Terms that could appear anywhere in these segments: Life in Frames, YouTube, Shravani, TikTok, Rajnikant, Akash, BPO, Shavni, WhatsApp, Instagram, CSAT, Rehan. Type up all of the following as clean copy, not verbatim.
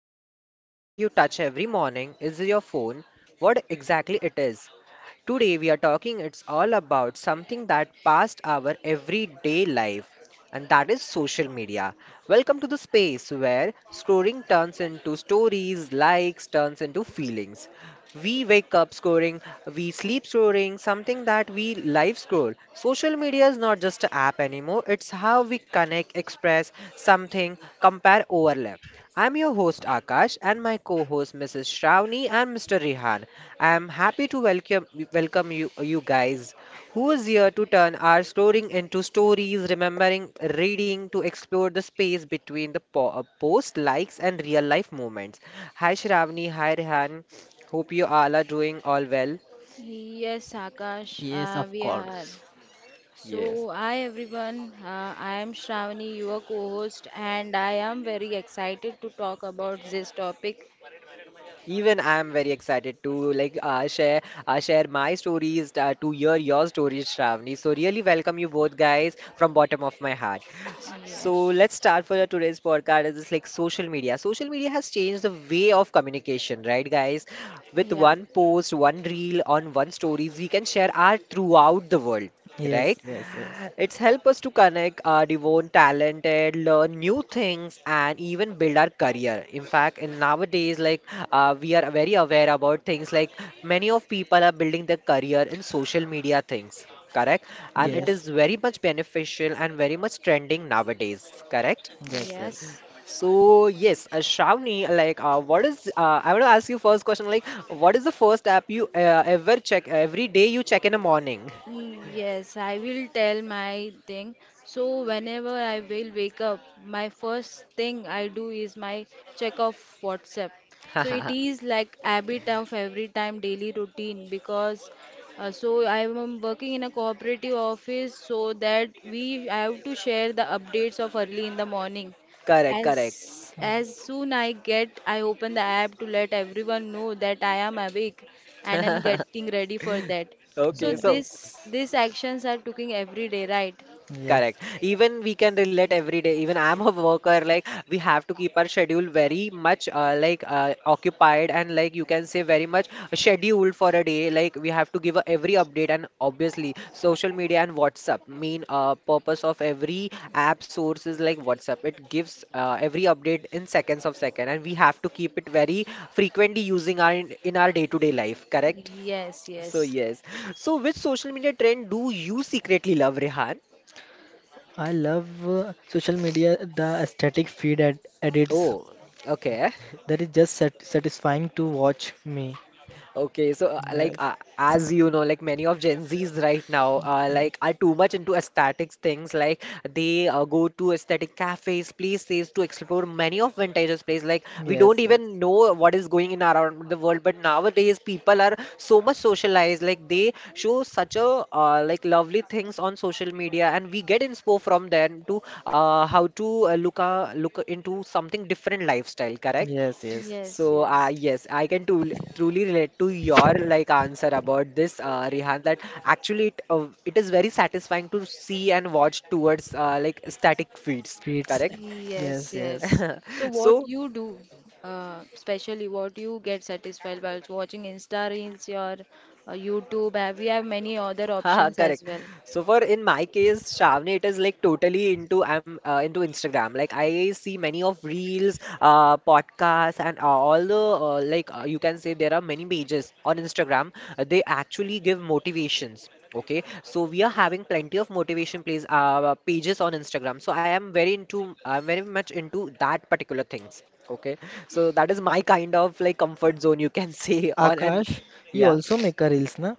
told you first thing you touch every morning is your phone? What exactly it is? Today we are talking it's all about something that passed our everyday life and that is social media. Welcome to the space where scoring turns into stories, likes turns into feelings. We wake up scoring, we sleep scoring, something that we live scroll. Social media is not just an app anymore, it's how we connect, express something, compare, overlap. I'm your host Akash and my co-host Mrs. Shravani and Mr. Rihan. I am happy to welcome you guys who is here to turn our storing into stories, remembering, reading to explore the space between the post likes and real life moments. Hi Shravani, hi Rehan. Hope you all are doing all well. Yes, Akash, Yes, of we are. course. Yes, So, hi everyone, I am Shravani, your co host, and I am very excited to talk about this topic. even I'm very excited to like share share my stories to hear your stories, Shravani. So really welcome you both guys from bottom of my heart. So Yes, let's start for today's podcast. Is this like social media? Social media has changed the way of communication, right, guys? With yeah, one post, one reel, on one stories, we can share art throughout the world, Yes, right? yes, yes. It's helped us to connect our divine talented, learn new things, and even build our career. In fact, in nowadays, like we are very aware about things like many of people are building their career in social media things, correct? And it yeah, Yes, is very much beneficial and very much trending nowadays, correct? yes, yes. yes. So yes, Shravani, like, what is? I want to ask you first question. Like, what is the first app you ever check every day you check in the morning? Yes, I will tell my thing. So whenever I will wake up, my first thing I do is my check of WhatsApp. So it is like habit of every time daily routine because so I am working in a cooperative office so that we have to share the updates of early in the morning. Correct, correct. Mm, As soon I get, I open the app to let everyone know that I am awake and I'm getting ready for that. So Okay, so yes, this these actions are taking every day, right? yes. correct. Even we can relate every day. Even I'm a worker. Like we have to keep our schedule very much like occupied and like you can say very much scheduled for a day. Like we have to give a, every update and obviously social media and WhatsApp main purpose of every app source is like WhatsApp. It gives every update in seconds of second and we have to keep it very frequently using our in our day-to-day life. Correct. Yes, So yes. yes. So which social media trend do you secretly love, Rehan? I love social media, the aesthetic feed ed edits. Oh, okay. That is just satisfying to watch me. Okay, so like, Yes, as you know, like many of Gen Zs right now ye- like are too much into aesthetics things. Like they go to aesthetic cafes, places to explore many of vintage places. Like we yes, don't yes, even know what is going in around the world, but nowadays people are so much socialized. Like they show such a like lovely things on social media, and we get inspo from them to how to look into something different lifestyle. Correct? yes, yes. Yes, So, yes. yes, I can truly relate to your like answer about this, Rihan, that actually it is very statisfying to see and watch towards like static feeds, Feeds, correct? Yes, yes, yes. yes. So what So, you do, especially what you get satisfied by watching Insta Reels, your YouTube, have we have many other haha, options as correct. well. So for in my case, Shavni, it is like totally into I'm into Instagram. Like I see many of reels, podcasts, and all the like, you can say there are many pages on Instagram. They actually give motivations. Okay, so we are having plenty of motivation plays pages on Instagram. So I am very into I'm very much into that particular things. Okay, so that is my kind of like comfort zone you can say on and Akash, you yeah. also make a reels, na?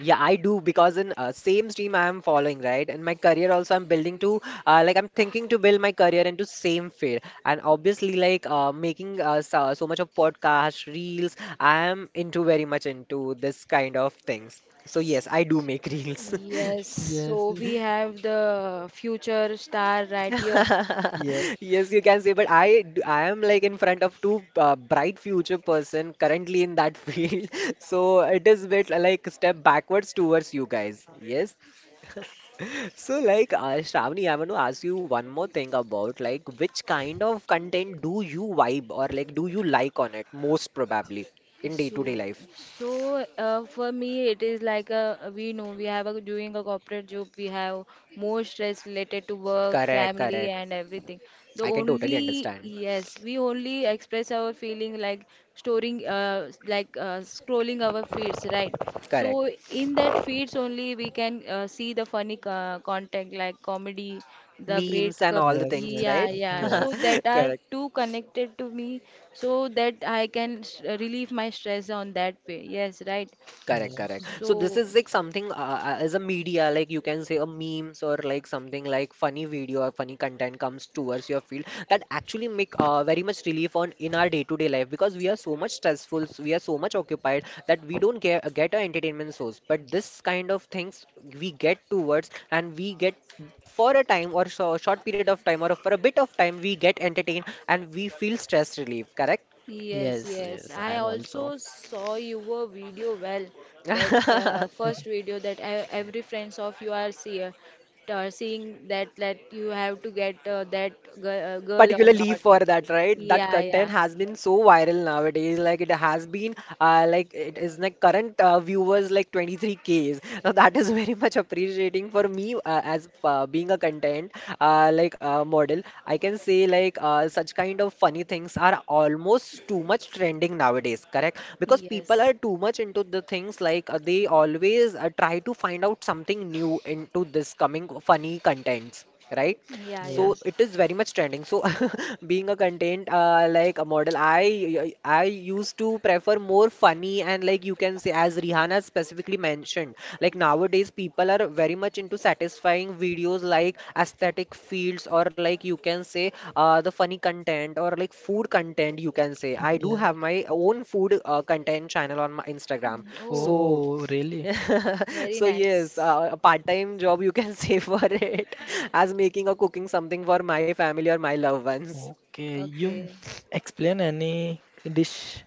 Yeah, I do because in same stream I am following, right? And my career also I'm building to like I'm thinking to build my career into same field. And obviously like making so much of podcast reels, I am into very much into this kind of things. So yes, I do make reels. Yes, Yes, so we yes, have the future star right here. yes, Yes, you can say, but I am like in front of two bright future person currently in that field. So it is bit like step backwards towards you guys. Yes. So, like, Shravani, I want to ask you one more thing about like which kind of content do you vibe or like do you like on it most probably in day-to-day So, life? so, for me, it is like a we know we have a doing a corporate job, we have more stress related to work, Correct, family, correct. and everything. I The can totally only understand. yes, we only express our feeling like storing, like scrolling our feeds, right? Correct. So in that feeds only we can see the funny content like comedy, the Memes great and cup all the yes, things, yes, right? yeah, yeah. So yes, that are Correct. too connected to me so that I can s- relieve my stress on that way. Yes, right. Correct, yes, correct. So this So, is like something as a media, like you can say a memes or like something like funny video or funny content comes towards your field that actually make very much relief on in our day-to-day life because we are so much stressful, we are so much occupied that we don't get a entertainment source. But this kind of things we get towards and we get for a time or so short period of time or for a bit of time we get entertained and we feel stress relief. Correct? yes, yes. yes. Yes, I I'm also. also saw your video well. That first video that I, every friends of you are see, are seeing that that you have to get that girl, girl or Particularly not. for that right that Yeah, content yeah. has been so viral nowadays like it has been like it is like current viewers like 23Ks now that is very much appreciating for me as being a content like, model I can say like such kind of funny things are almost too much trending nowadays correct because people Yes. are too much into the things like they always try to find out something new into this coming funny contents right Yeah, yeah. so Yes. it is very much trending so being a content like a model I used to prefer more funny and like you can say as Rihanna specifically mentioned like nowadays people are very much into satisfying videos like aesthetic fields or like you can say the funny content or like food content you can say I do Yeah. have my own food content channel on my Instagram Oh, so Oh, really? very so yes, nice. A part-time job you can say for it as making or cooking something for my family or my loved ones. Okay. You Okay. explain any dish.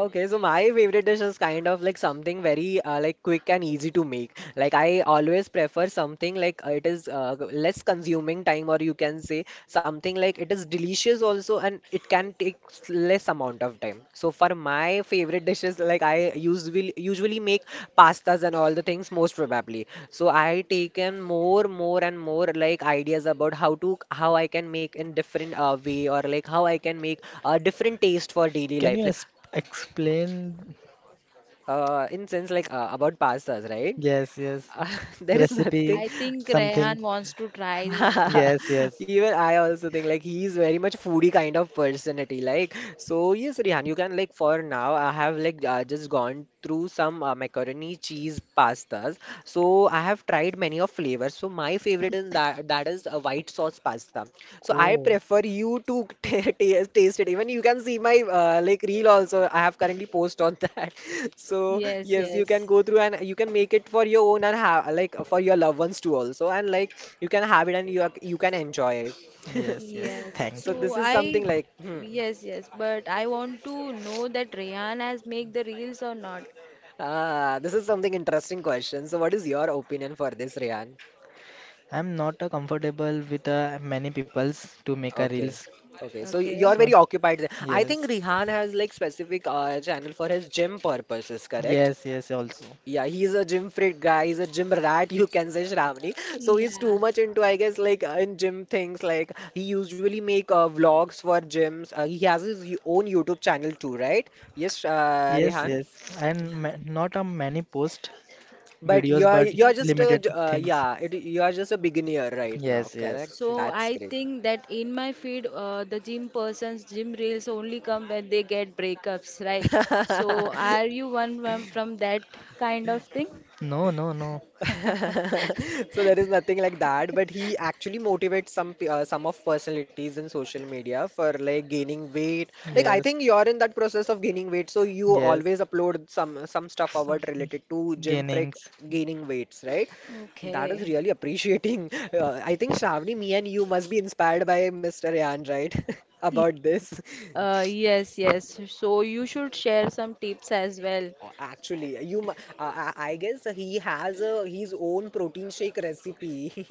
Okay, so my favorite dish is kind of like something very like quick and easy to make. Like I always prefer something like it is less consuming time, or you can say something like it is delicious also, and it can take less amount of time. So for my favorite dishes, like I usually make pastas and all the things most probably. So I taken more and more like ideas about how to how I can make in different way or like how I can make a different taste for daily Can life. you Like es explain? In sense like about pastas, right? Yes, yes. Uh, there is nothing. I Recipe, think something. Rehan wants to try this. Yes, yes. Even I also think like he is very much foodie kind of personality. Like so, yes, Rihan, you can like for now. I have like just gone through some macaroni cheese pastas. So I have tried many of flavors. So my favorite in that is a white sauce pasta. So I Oh, prefer you to taste it. Even you can see my like reel also. I have currently post on that. So Yes, yes, you can yes, go through and you can make it for your own and have like for your loved ones too also. And like you can have it and you are, you can enjoy it. yes, yes. yes. Thank So you. this So is I, something like hmm. yes, yes. But I want to know that Rehan has make the reels or not. Ah, this is something interesting question. So what is your opinion for this, Rehan? I'm not comfortable with many peoples to make a Okay. reels. Okay, so you're Okay. So, very occupied there. I yes. think Rihan has like specific channel for his gym purposes, correct? Yes, yes, also. Yeah, he's a gym freak guy. He's a gym rat, you can say Shravani. So he's Yeah, too much into, I guess, like in gym things. Like he usually make vlogs for gyms. He has his own YouTube channel too, right? Yes, Yes, Rehan. yes. And ma not a many post But videos, you're but you you're have just a limited posted. Things. yeah, it, you're just a beginner right now, Yes, yes. correct? So That's I great. think that in my feed, the gym person's gym reels only come when they get breakups, right? So are you one from that kind of thing? No, no, no. So there is nothing like that, but he actually motivates some of personalities in social media for like gaining weight. Like I Yes, think you're in that process of gaining weight, so you always yes. upload some stuff Some about related to gym freak gainings. gaining weights, right? That Okay. is really appreciating. I think Shravani, me and you must be inspired by Mr. Ryan, right? About this. Yes, yes. So you should share some tips as well. Actually, I guess he has a, his own protein shake recipe.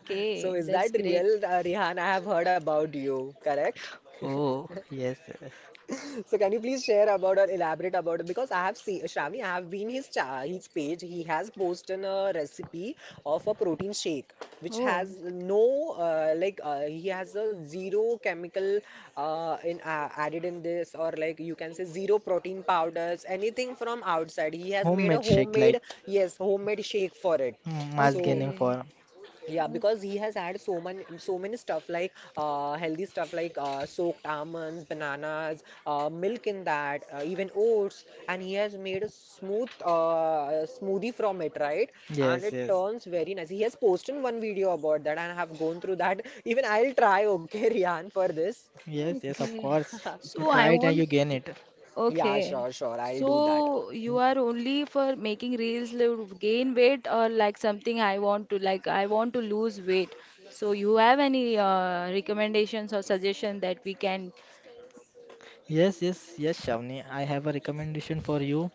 So is that's that great. real, Rihan? I have heard about you, correct? Oh, yes, yes. So can you please share about or elaborate about it? Because I have seen Shravani, I have been his page. He has posted a recipe of a protein shake which Oh, has no he has a zero chemical in added in this, or like you can say zero protein powders anything from outside. He has made a Homemade shake like homemade, yes, homemade shake for it. mm, mass So gaining okay. for. yeah, O- because he has had so many stuff like healthy stuff like soaked almonds, bananas, milk in that, even oats, and he has made a smoothie from it, right? And Yes, it yes. turns very nice. He has posted one video about that, and I have gone through that. Even I'll try, okay, Rian, for this. Yes, yes, of Okay. course. You So I try it and want you gain to, it. Yeah, okay. sure, sure, I'll do that. So you are only for making reels to gain weight or like something I want to like I want to lose weight. So you have any recommendations or suggestion that we can? Yes, yes, yes, Shavni. I have a recommendation for you.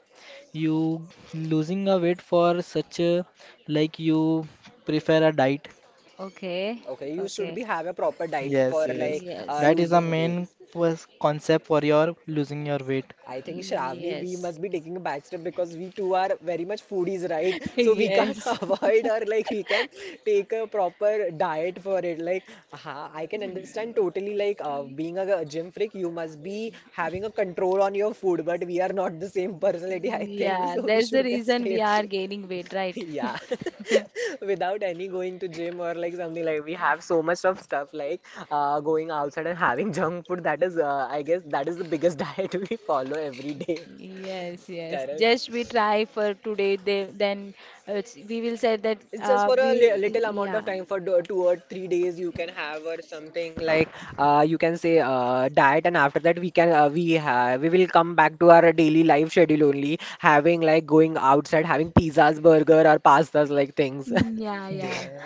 You losing a weight for such a like you prefer a diet. Okay. Okay, you should be Okay. have a proper diet for Yes, yes. like That Yes. is the losing weight. main was concept for your losing your weight. I think Shravani, we Yes. must be taking a back step because we two are very much foodies, right? So we can't Yes. avoid, or like we can take a proper diet for it. Like, I can understand totally. Like, being a gym freak, you must be having a control on your food, but we are not the same personality, I think. Yeah, So we that's the should reason stay. we are gaining weight, right? Yeah, without any going to gym, or like something, like we have so much of stuff like going outside and having junk food. That is, I guess, that is the biggest diet we follow every day. Yes, yes. Correct. Just we try for today, they, then s- we will say that It's just for a li we, little amount of yeah, time. For 2 or 3 days, you can have, or something like you can say diet, and after that, we can we will come back to our daily life schedule, only having like going outside, having pizzas, burger or pastas like things. Yeah, yeah, Yeah,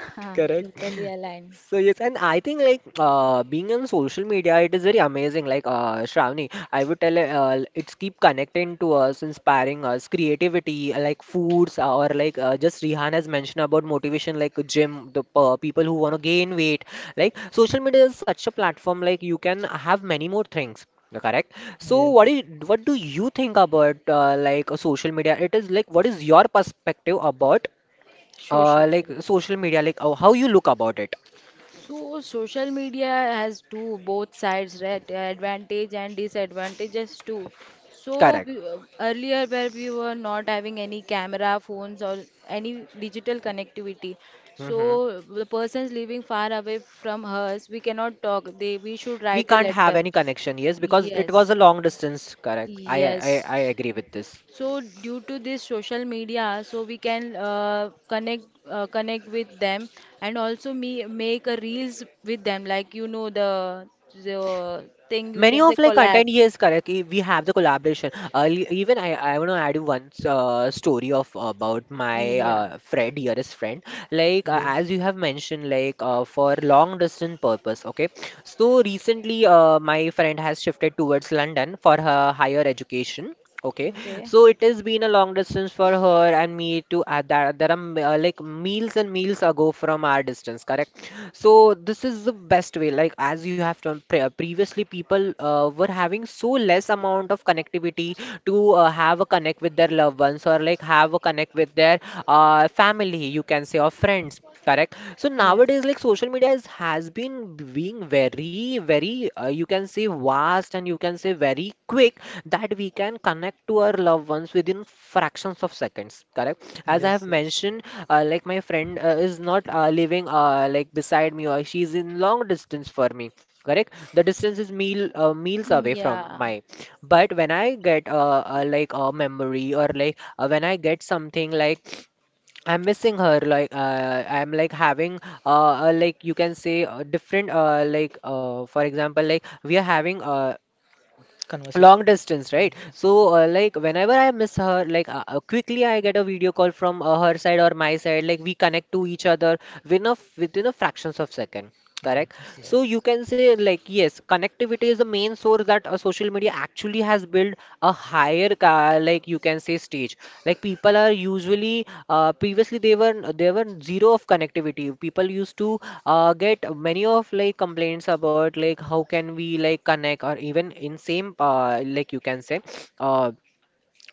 Correct. totally aligned. So yes, and I think like being on social media, it is very amazing. Like Shravani, I would tell it's keep connecting to us, inspiring us, creativity, like foods, or like just Rihanna has mentioned about motivation, like gym, the people who want to gain weight. Like social media is such a platform. Like you can have many more things. Correct. So what yes. do you, think about social media? It is like, what is your perspective about? Social Like media. social media, like how you look about it. So social media has two both sides, right? Advantage and disadvantages too. So we- Correct. Earlier where we were not having any camera, phones or any digital connectivity. Hmm. So the persons living far away from us, we cannot talk. They we should We write a can't have letter. any connection, yes, because it was Yes, a long distance. Correct. Yes, I agree with this. so due to this social media, so we can connect connect with them and also me make a reels with them, like you know the thing we Many can of say like collab. content, yes. Correct. We have the collaboration. Early, even I want to add you one story of about my Yeah. Friend, dearest friend. Like Yes, as you have mentioned, like for long distance purpose. Okay, so recently my friend has shifted towards London for her higher education. Okay, Okay. so it has been a long distance for her and me, to that there are like miles and miles ago from our distance, correct? So this is the best way. Like as you have done previously, people were having so less amount of connectivity to have a connect with their loved ones, or like have a connect with their family, you can say, or friends. Correct. So Yeah. nowadays, like social media is, has been being very, very, you can say, vast, and you can say very quick, that we can connect to our loved ones within fractions of seconds. Correct. As I have yes, yes. mentioned, like my friend is not living like beside me, or she is in long distance for me. Correct. The distance is meal miles away from Yeah. my. But when I get like a memory, or like when I get something like I'm missing her, like I'm like having like you can say different, like, for example, like we are having Conversation. long distance, right? Yes, So like whenever I miss her, like quickly I get a video call from her side or my side, like we connect to each other within a fractions of second. Correct. So you yes, can say, like, yes, connectivity is the main source that social media actually has built a higher ca like you can say stage. Like people are usually previously, they were zero of connectivity. People used to get many of like complaints about like how can we like connect, or even in same like you can say uh,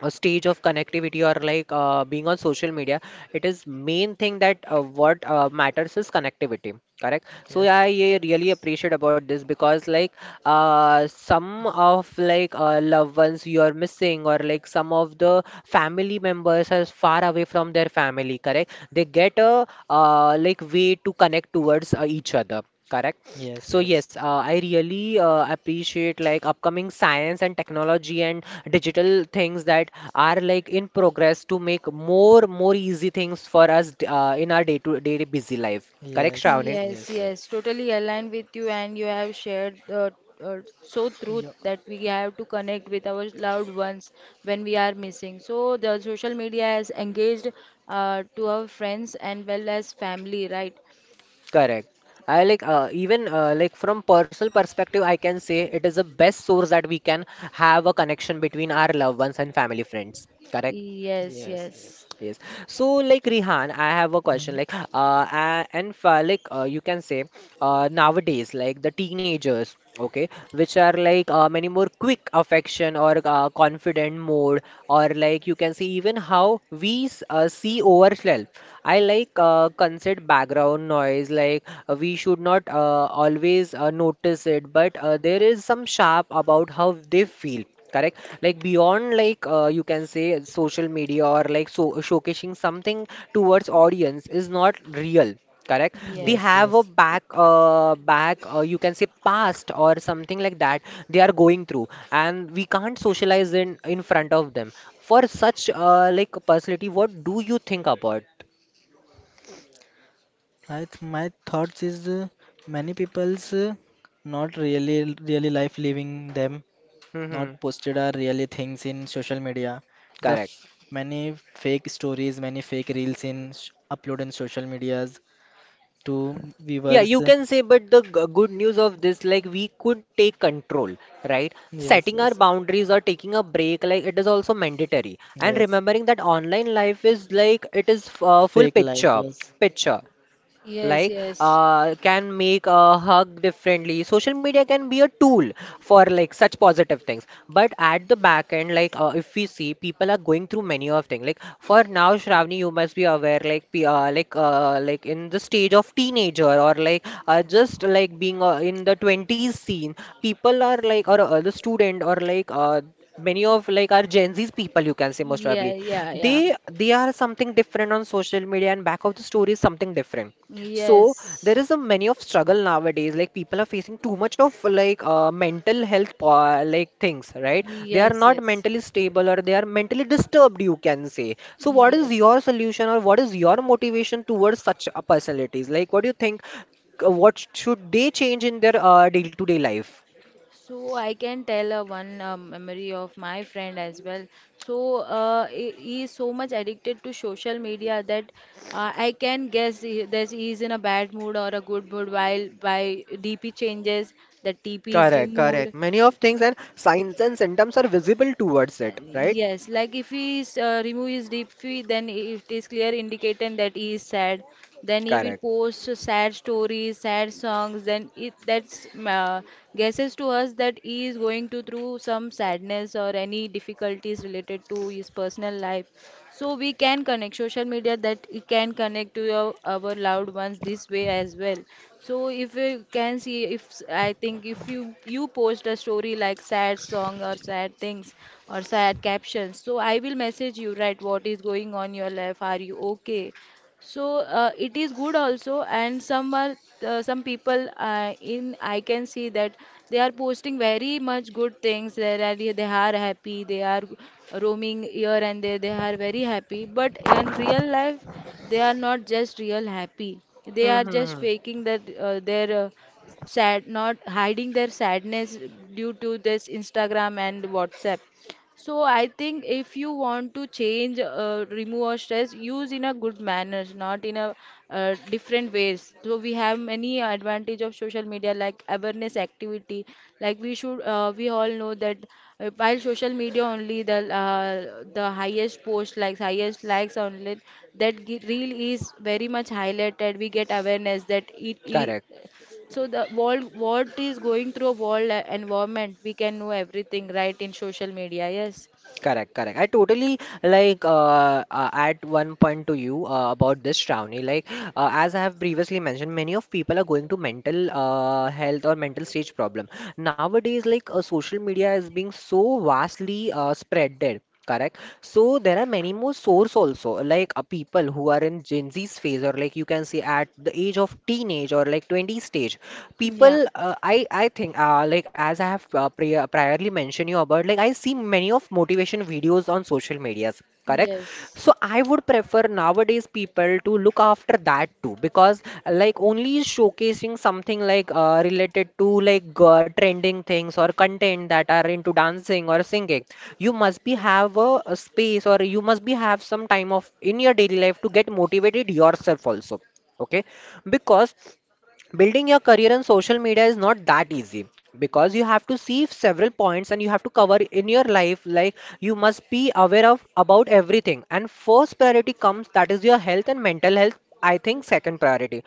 a stage of connectivity, or like being on social media, it is main thing that what matters is connectivity. Correct. So yes, yeah, yes, I really Yes. appreciate about this, because like some of like loved ones you are missing, or like some of the family members are far away from their family, correct, they get a like way to connect towards each other. Correct. yes, So yes, yes, I really appreciate like upcoming science and technology, and digital things that are like in progress, to make more easy things for us in our day-to-day busy life. Correct, yes, yes, yes, Shravani? Yes, yes, yes. yes, totally aligned with you, and you have shared the uh, so truth Yup. that we have to connect with our loved ones when we are missing. So the social media has engaged to our friends and well as family, right? Correct. I like even like from personal perspective, I can say it is the best source that we can have a connection between our loved ones and family friends. Correct. Yes, Yes, yes, yes. Yes. So, like Rihan, I have a question. Hmm. Like, and for, like, you can say, nowadays, like the teenagers, okay, which are like many more quick affection or confident mode, or like you can see, even how we see ourselves. I like consider background noise. Like, we should not always notice it, but there is some sharp about how they feel, correct, like beyond, like you can say, social media or like, so showcasing something towards audience is not real, correct, they Yes, yes, have a yes. Back, you can say, past or something like that, they are going through, and we can't socialize in front of them, for such like personality. What do you think about? I th My thoughts is many people's not really life living them, Hmm. not posted are really things in social media. The Correct. f Many fake stories, many fake reels in s upload in social medias to Yeah, viewers. you can say, but the good news of this, like we could take control, right? Yes, Setting our yes. boundaries or taking a break, like it is also mandatory. And Yes. remembering that online life is like, it is full Fake life. Yes. picture, yes, like yes, can make a hug differently. Social media can be a tool for like such positive things, but at the back end, like if we see, people are going through many of things, like for now, Shravani, you must be aware, like like in the stage of teenager, or like just like being in the 20s scene. People are like, or the student, or like many of like our Gen Z's people, you can say, most yeah, probably yeah, yeah, they are something different on social media, and back of the story is something different. So there yes, is a many of struggle nowadays. Like people are facing too much of like mental health like things, right? They are yes, not yes, mentally stable, or they are mentally disturbed, you can say. So what is yes. your solution, or what is your motivation towards such personalities? Like what do you think? What should they change in their day-to-day life? So I can tell one memory of my friend as well. So he is so much addicted to social media that I can guess he, that he is in a bad mood or a good mood while by DP changes, the TP is Correct, correct. removed. Many of things and signs and symptoms are visible towards it, right? Yes, like if he is, remove his deep fee, then it is clear indicating that he is sad. Then he will Correct. post sad stories, sad songs. Then it that's guesses to us that he is going to through some sadness or any difficulties related to his personal life, so we can connect social media that it can connect to your, our loved ones this way as well. So if you can see if s- I think if you post a story like sad song or sad things or sad captions, so I will message you, right? What is going on your life, are you okay? So it is good also, and some are some people in I can see that they are posting very much good things. They are happy. They are roaming here and there. They are very happy. But in real life, they are not just real happy. They Hmm, are hmm, just hmm. faking that their sad, not hiding their sadness due to this Instagram and WhatsApp. So I think if you want to change, remove or stress, use in a good manners, not in a different ways. So we have many advantage of social media like awareness activity. Like we should, we all know that while social media only the highest post likes, highest likes only, that ge- reel is very much highlighted. We get awareness that it Correct. so the world, what is going through a world environment, we can know everything right in social media. Yes. Correct, correct. I totally like at one point to you about this, Shravani. Like as I have previously mentioned, many of people are going to mental health or mental stage problem nowadays. Like social media is being so vastly spreaded. Correct. So there are many more source also, like people who are in Gen Z's phase, or like you can say at the age of teenage or like 20 stage. Yeah. People, I think, like as I have priorly mentioned you about, like I see many of motivation videos on social medias, correct? Yes. So I would prefer nowadays people to look after that too, because like only showcasing something like related to like trending things or content that are into dancing or singing. You must be have a space, or you must be have some time of in your daily life to get motivated yourself also. Okay, because building your career on social media is not that easy, because you have to see several points and you have to cover in your life. Like you must be aware of about everything, and first priority comes that is your health and mental health, I think. Second priority,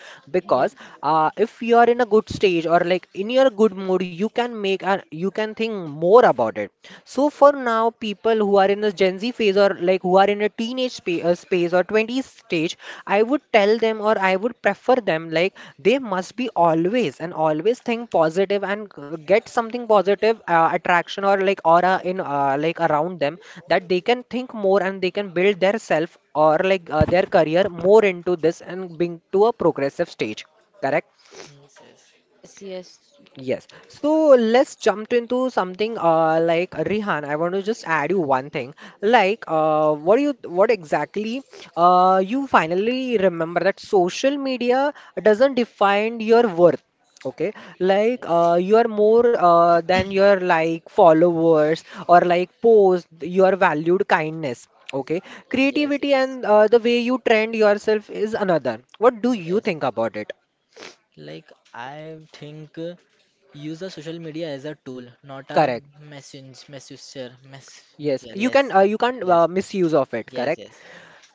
Yeah. because if you are in a good stage or like in your good mood, you can make and you can think more about it. So for now, people who are in the Gen Z phase, or like who are in a space or 20s stage, I would tell them or I would prefer them, like they must be always and always think positive, and get something positive attraction or like aura in like around them, that they can think more and they can build their self or like their career more into this and being to a progressive stage. Correct? Yes, yes, Yes. Yes. Yes. So let's jump into something uh, like Rihan. I want to just add you one thing. Like uh, what do you, what exactly uh, you finally remember that social media doesn't define your worth. Okay, like uh, you are more uh, than your like followers or like post your valued kindness. Okay. yes, yes, Creativity yes, and the way you trend yourself is another. What do you yes. think about it? Like I think use the social media as a tool, not a Correct. Yes, messenger. you can Yes, you can't yes, misuse of it, yes, correct? yes.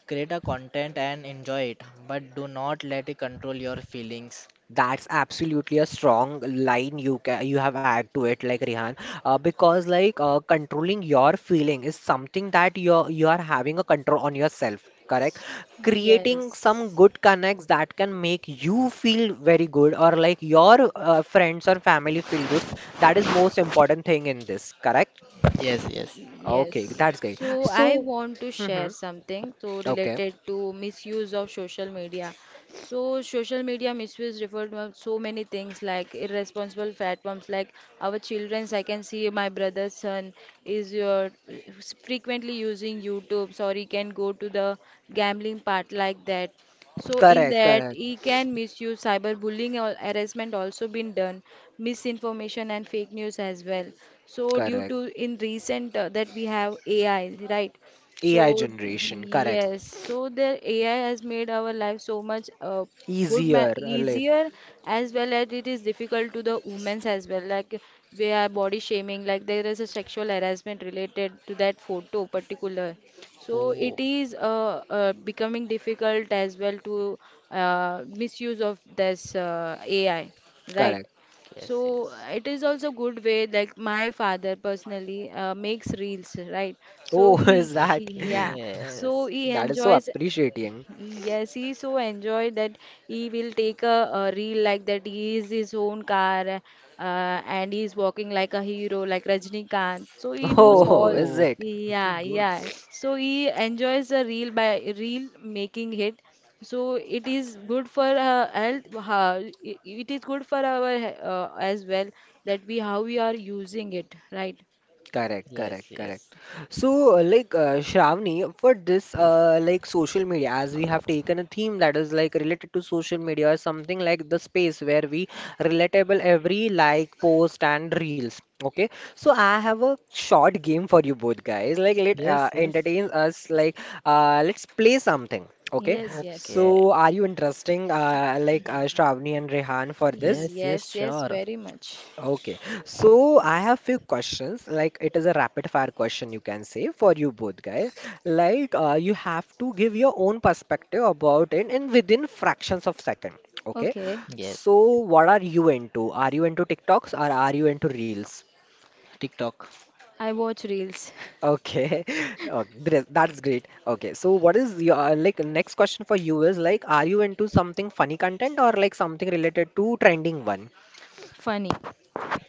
Create a content and enjoy it, but do not let it control your feelings. That's absolutely a strong line you can, you have add to it, like Rihan, because like controlling your feeling is something that you are having a control on yourself, correct? Creating some Yes. good connects that can make you feel very good, or like your friends or family feel good. That is most important thing in this, correct? Yes, yes. Okay, Yes. that's great. So I So, want to share hmm, something so okay, related to misuse of social media. So social media misuse referred to so many things like irresponsible platforms like our children's I can see my brother's son is your frequently using YouTube or he can go to the gambling part like that. So in correct, that correct. he can misuse cyberbullying or harassment also been done, misinformation and fake news as well. So due Correct. to in recent that we have AI, right? AI So generation, correct. yes, so the AI has made our life so much good ma Easier, like, easier as well as it is difficult to the women's as well. Like we are body shaming, like there is a sexual harassment related to that photo particular. So it Oh, is becoming difficult as well to misuse of this AI, right? correct. yes, So yes. it is also good way like my father personally makes reels, right? So Oh, is he that? Okay, yeah, so yes. he That is so enjoys. appreciating. Yes, he so enjoyed that he will take a reel like that. He is his own car, and he is walking like a hero, like Rajnikant. So he does Oh, all, is Oh, it? it is yeah, good. yeah. So he enjoys the reel by reel making it. So it is good for health. How, it is good for our he- as well that we how we are using it, right? Correct, correct, Yes, yes. correct. So, like Shravani, for this, like social media, as we have taken a theme that is like related to social media or something like the space where we relatable every like, post, and reels. Okay, so I have a short game for you both guys. Like, let Yes, yes. entertain us. Like, let's play something. Okay, Yes, yes, Okay. so are you interesting? Like Shravani and Rehan for this? Yes, yes, yes, yes, sure. very much. Okay, so I have few questions. Like it is a rapid fire question, you can say for you both guys. Like you have to give your own perspective about it in within fractions of second. Okay, Okay, Yes. so what are you into? Are you into TikToks or are you into Reels? TikTok. I watch reels. Okay, okay, that's great. Okay, so what is your like next question for you is like, are you into something funny content or like something related to trending one? Funny.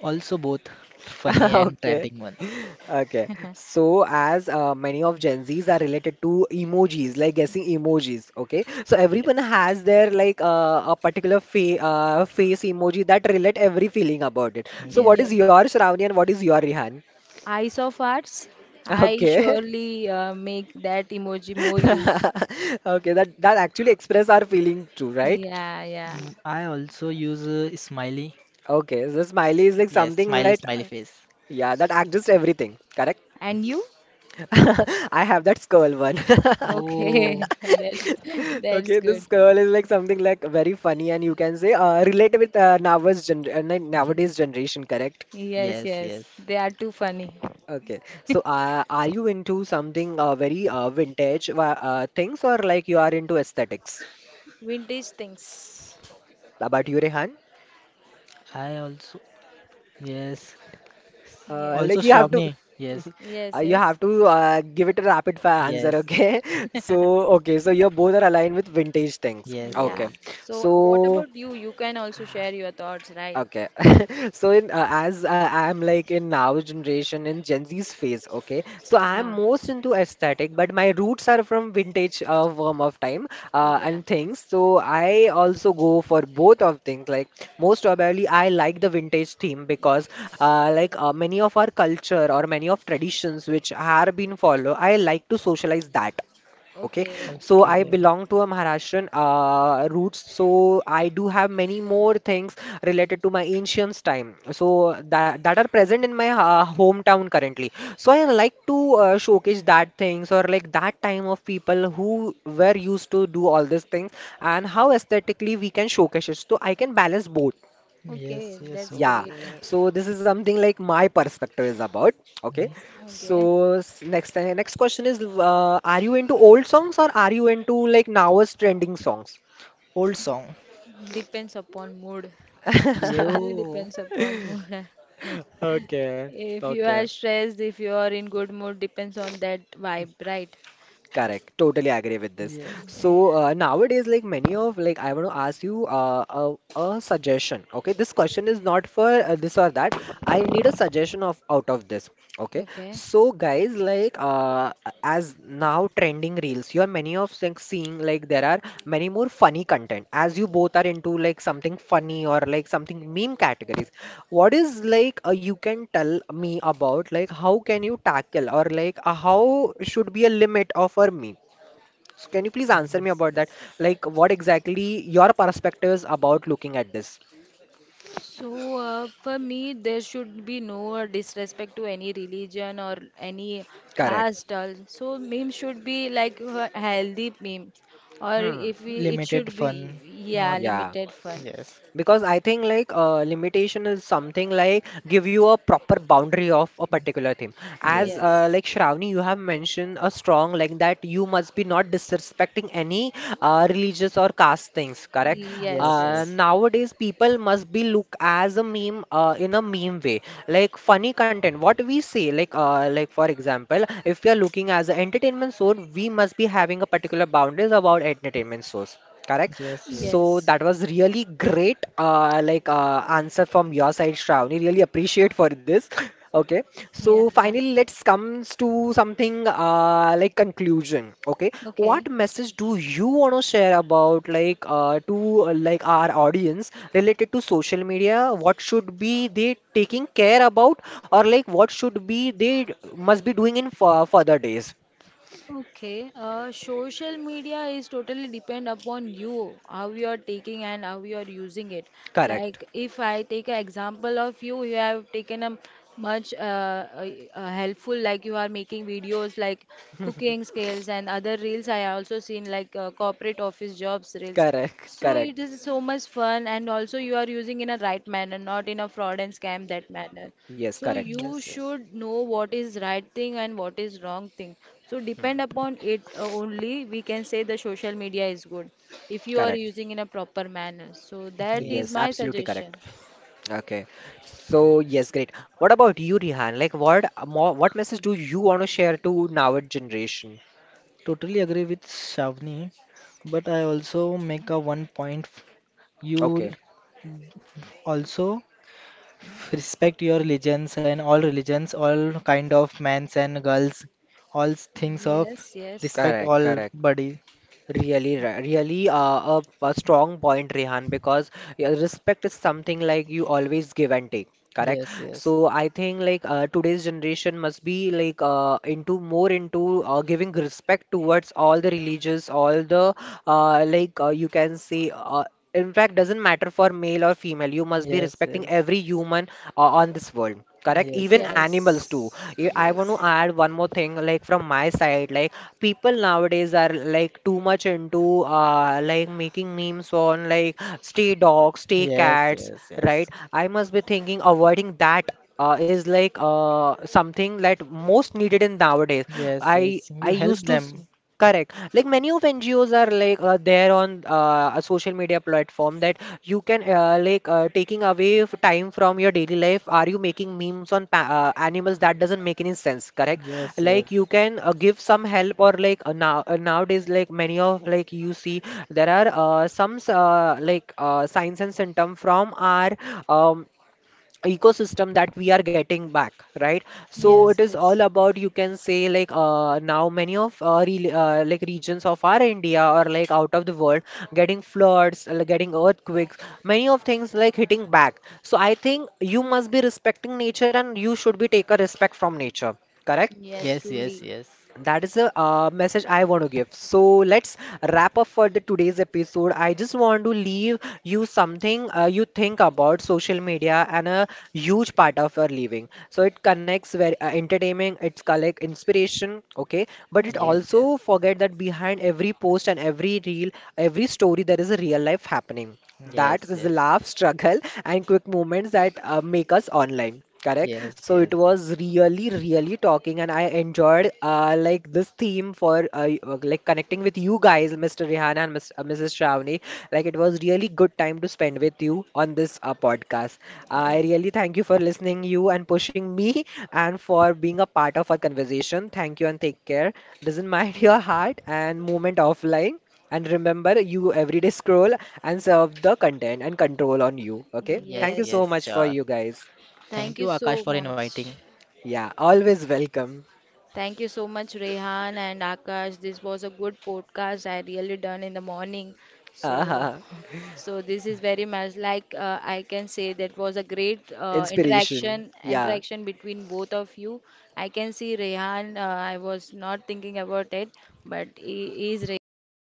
Also both funny and Okay. trending one. Okay. So as many of Gen Zs are related to emojis, like guessing emojis, okay? So everyone Yes. has their like a particular fa face emoji that relate every feeling about it. So what is Yes. Yes. your, Shravani, and what is your, Rihan? Eyes of arts. I Okay. surely make that emoji more use. Okay, that that actually express our feeling too, right? Yeah, yeah. Mm, I also use smiley. Okay, so smiley is like Yes, something smiley, like, smiley face. yeah, that adjusts everything, correct? And you? I have that skull one. Oh. Okay. That's Okay, good. this skull is like something like very funny, and you can say relate with nowadays nowadays generation, correct? Yes, Yes, yes. yes. They are too funny. Okay, so are you into something very vintage things, or like you are into aesthetics? Vintage things. About you, Rehan? I also yes. Like Also you Yes. have to Shravani. Yes. Yes, you yes. have to give it a rapid fire answer, Yes. okay? So okay, so you both are aligned with vintage things. Yes, yes. Okay. Yeah. So, what So about you? You can also share your thoughts, right? okay. So in as I'm like in now generation in Gen Z's phase, okay. So I'm Ah, most into aesthetic, but my roots are from vintage worm of time yeah. and things. So I also go for both of things. Like most probably, I like the vintage theme because like many of our culture or many of traditions which are being followed, I like to socialize that. Okay, Okay. so I Okay. belong to a Maharashtrian roots, so I do have many more things related to my ancient time, so that are present in my hometown currently. So I like to showcase that things, or like that time of people who were used to do all these things, and how aesthetically we can showcase it. So I can balance both. Yes, Okay, yes, that's Yeah, great. okay. so this is something like my perspective is about. Okay, Yes. so Okay. Next next question is, are you into old songs, or are you into like now's trending songs? Old song. Depends upon mood. It totally Yo. depends upon mood. Okay, If you okay. are stressed, if you are in good mood, depends on that vibe, right? Correct. Totally agree with this. Yes. Yeah. So nowadays, like many of like I want to ask you a suggestion. Okay, this question is not for this or that. I need a suggestion of out of this. Okay, Okay. so guys, like as now trending, trending reels. You are many of like seeing like there are many more funny content, as you both are into like something funny or like something meme categories. What is like you can tell me about like how can you tackle, or like how should be a limit of a meme? So can you please answer me Yes, about that? yes. Like what exactly your perspectives about looking at this? So, for me, there should be no disrespect to any religion or any Correct. caste. Also, meme should be like a healthy meme, or Hmm. if we, it Limited should be, fun, yeah, not Yeah. limited fun. yes, Because I think like limitation is something like give you a proper boundary of a particular thing. As yes, Yes, yes, like Shravani, you have mentioned a strong like that you must be not disrespecting any religious or caste things, correct? yes, yes, yes, yes, yes, Nowadays people must be look as a meme in a meme way, like funny content. What we say, like for example, if we are looking as an entertainment source, we must be having a particular boundaries about entertainment source. Correct. yes, So yes. that was really great, like answer from your side, Shravani. Really appreciate for this. Okay. Yeah. So finally, let's comes to something like conclusion. Okay. Okay. What message do you want to share about like to like our audience related to social media? What should be they taking care about, or like what should be they must be doing in further days? Okay, social media is totally depend upon you, how you are taking and how you are using it. Correct. Like if I take an example of you, you have taken a much a helpful, like you are making videos like cooking skills and other reels. I also seen like corporate office jobs reels. Correct. So Correct. it is so much fun, and also you are using in a right manner, not in a fraud and scam that manner. Yes. So Correct. you yes, yes, should know what is right thing and what is wrong thing. So depend upon it only we can say the social media is good if you are Correct. using in a proper manner. So that is yes. Yes, my absolutely suggestion. correct. Okay. So, yes, great. What about you, Rihan? Like, what more, what message do you want to share to now generation? Totally agree with Shavni, but I also make a one point. You l- Okay. Also respect your religions and all religions, all kind of mans and girls, things of Yes, yes. respect Correct, all correct. body. Really, really, a strong point, Rehan, because yeah, respect is something like you always give and take, correct? Yes, yes, So I think like today's generation must be like into more into giving respect towards all the religious, all the like you can say. In fact, doesn't matter for male or female. You must be yes, respecting yes, every human on this world, correct? yes, Even animals too. Yes. I want to Yes. add one more thing like from my side. Like people nowadays are like too much into uh, like making memes on like stay dogs, stay yes, cats, yes, right? yes, I must be thinking avoiding that is like uh, something that most needed in nowadays. yes, I yes. I You help used to them. correct. Like many of NGOs are like there on a social media platform, that you can like taking away time from your daily life. Are you making memes on pa animals? That doesn't make any sense. Correct. Yes, Like yes, you can give some help, or like now nowadays like many of like you see there are some like signs and symptom from our um, ecosystem that we are getting back, right? So it Yes, yes, is all yes. about, you can say, like now many of like regions of our India, or like out of the world, getting floods getting earthquakes, many of things like hitting back. So I think you must be respecting nature, and you should be take a respect from nature, correct? Yes, yes, yes, truly. yes, That is the message I want to give. So let's wrap up for the today's episode. I just want to leave you something you think about social media and a huge part of your living. So it connects very entertaining, it's collect inspiration, okay? But it yes, Okay. also forget that behind every post and every reel, every story, there is a real life happening. yes, That yes, is the yes, laugh, struggle, and quick moments that make us online. Correct. yes, So it yes, was really, really talking, and I enjoyed like this theme for like connecting with you guys, Mr. Rihanna and Miss, Mrs. Shravani. Like it was really good time to spend with you on this podcast. I yes, really thank you for listening, you and pushing me, and for being a part of our conversation. Thank you and take care. Doesn't mind your heart and movement offline. And remember, you everyday scroll and serve the content and control on you. Okay. Thank yes, you Yes, so yes, much yes. for sure. you guys. Thank Thank you, you Akash, so for inviting. much. Yeah. Always welcome. Thank you so much, Rehan and Akash. This was a good podcast I really done in the morning. So, so this is very much like I can say that was a great Inspiration. interaction Yeah. interaction between both of you. I can see Rehan. I was not thinking about it, but he is really good.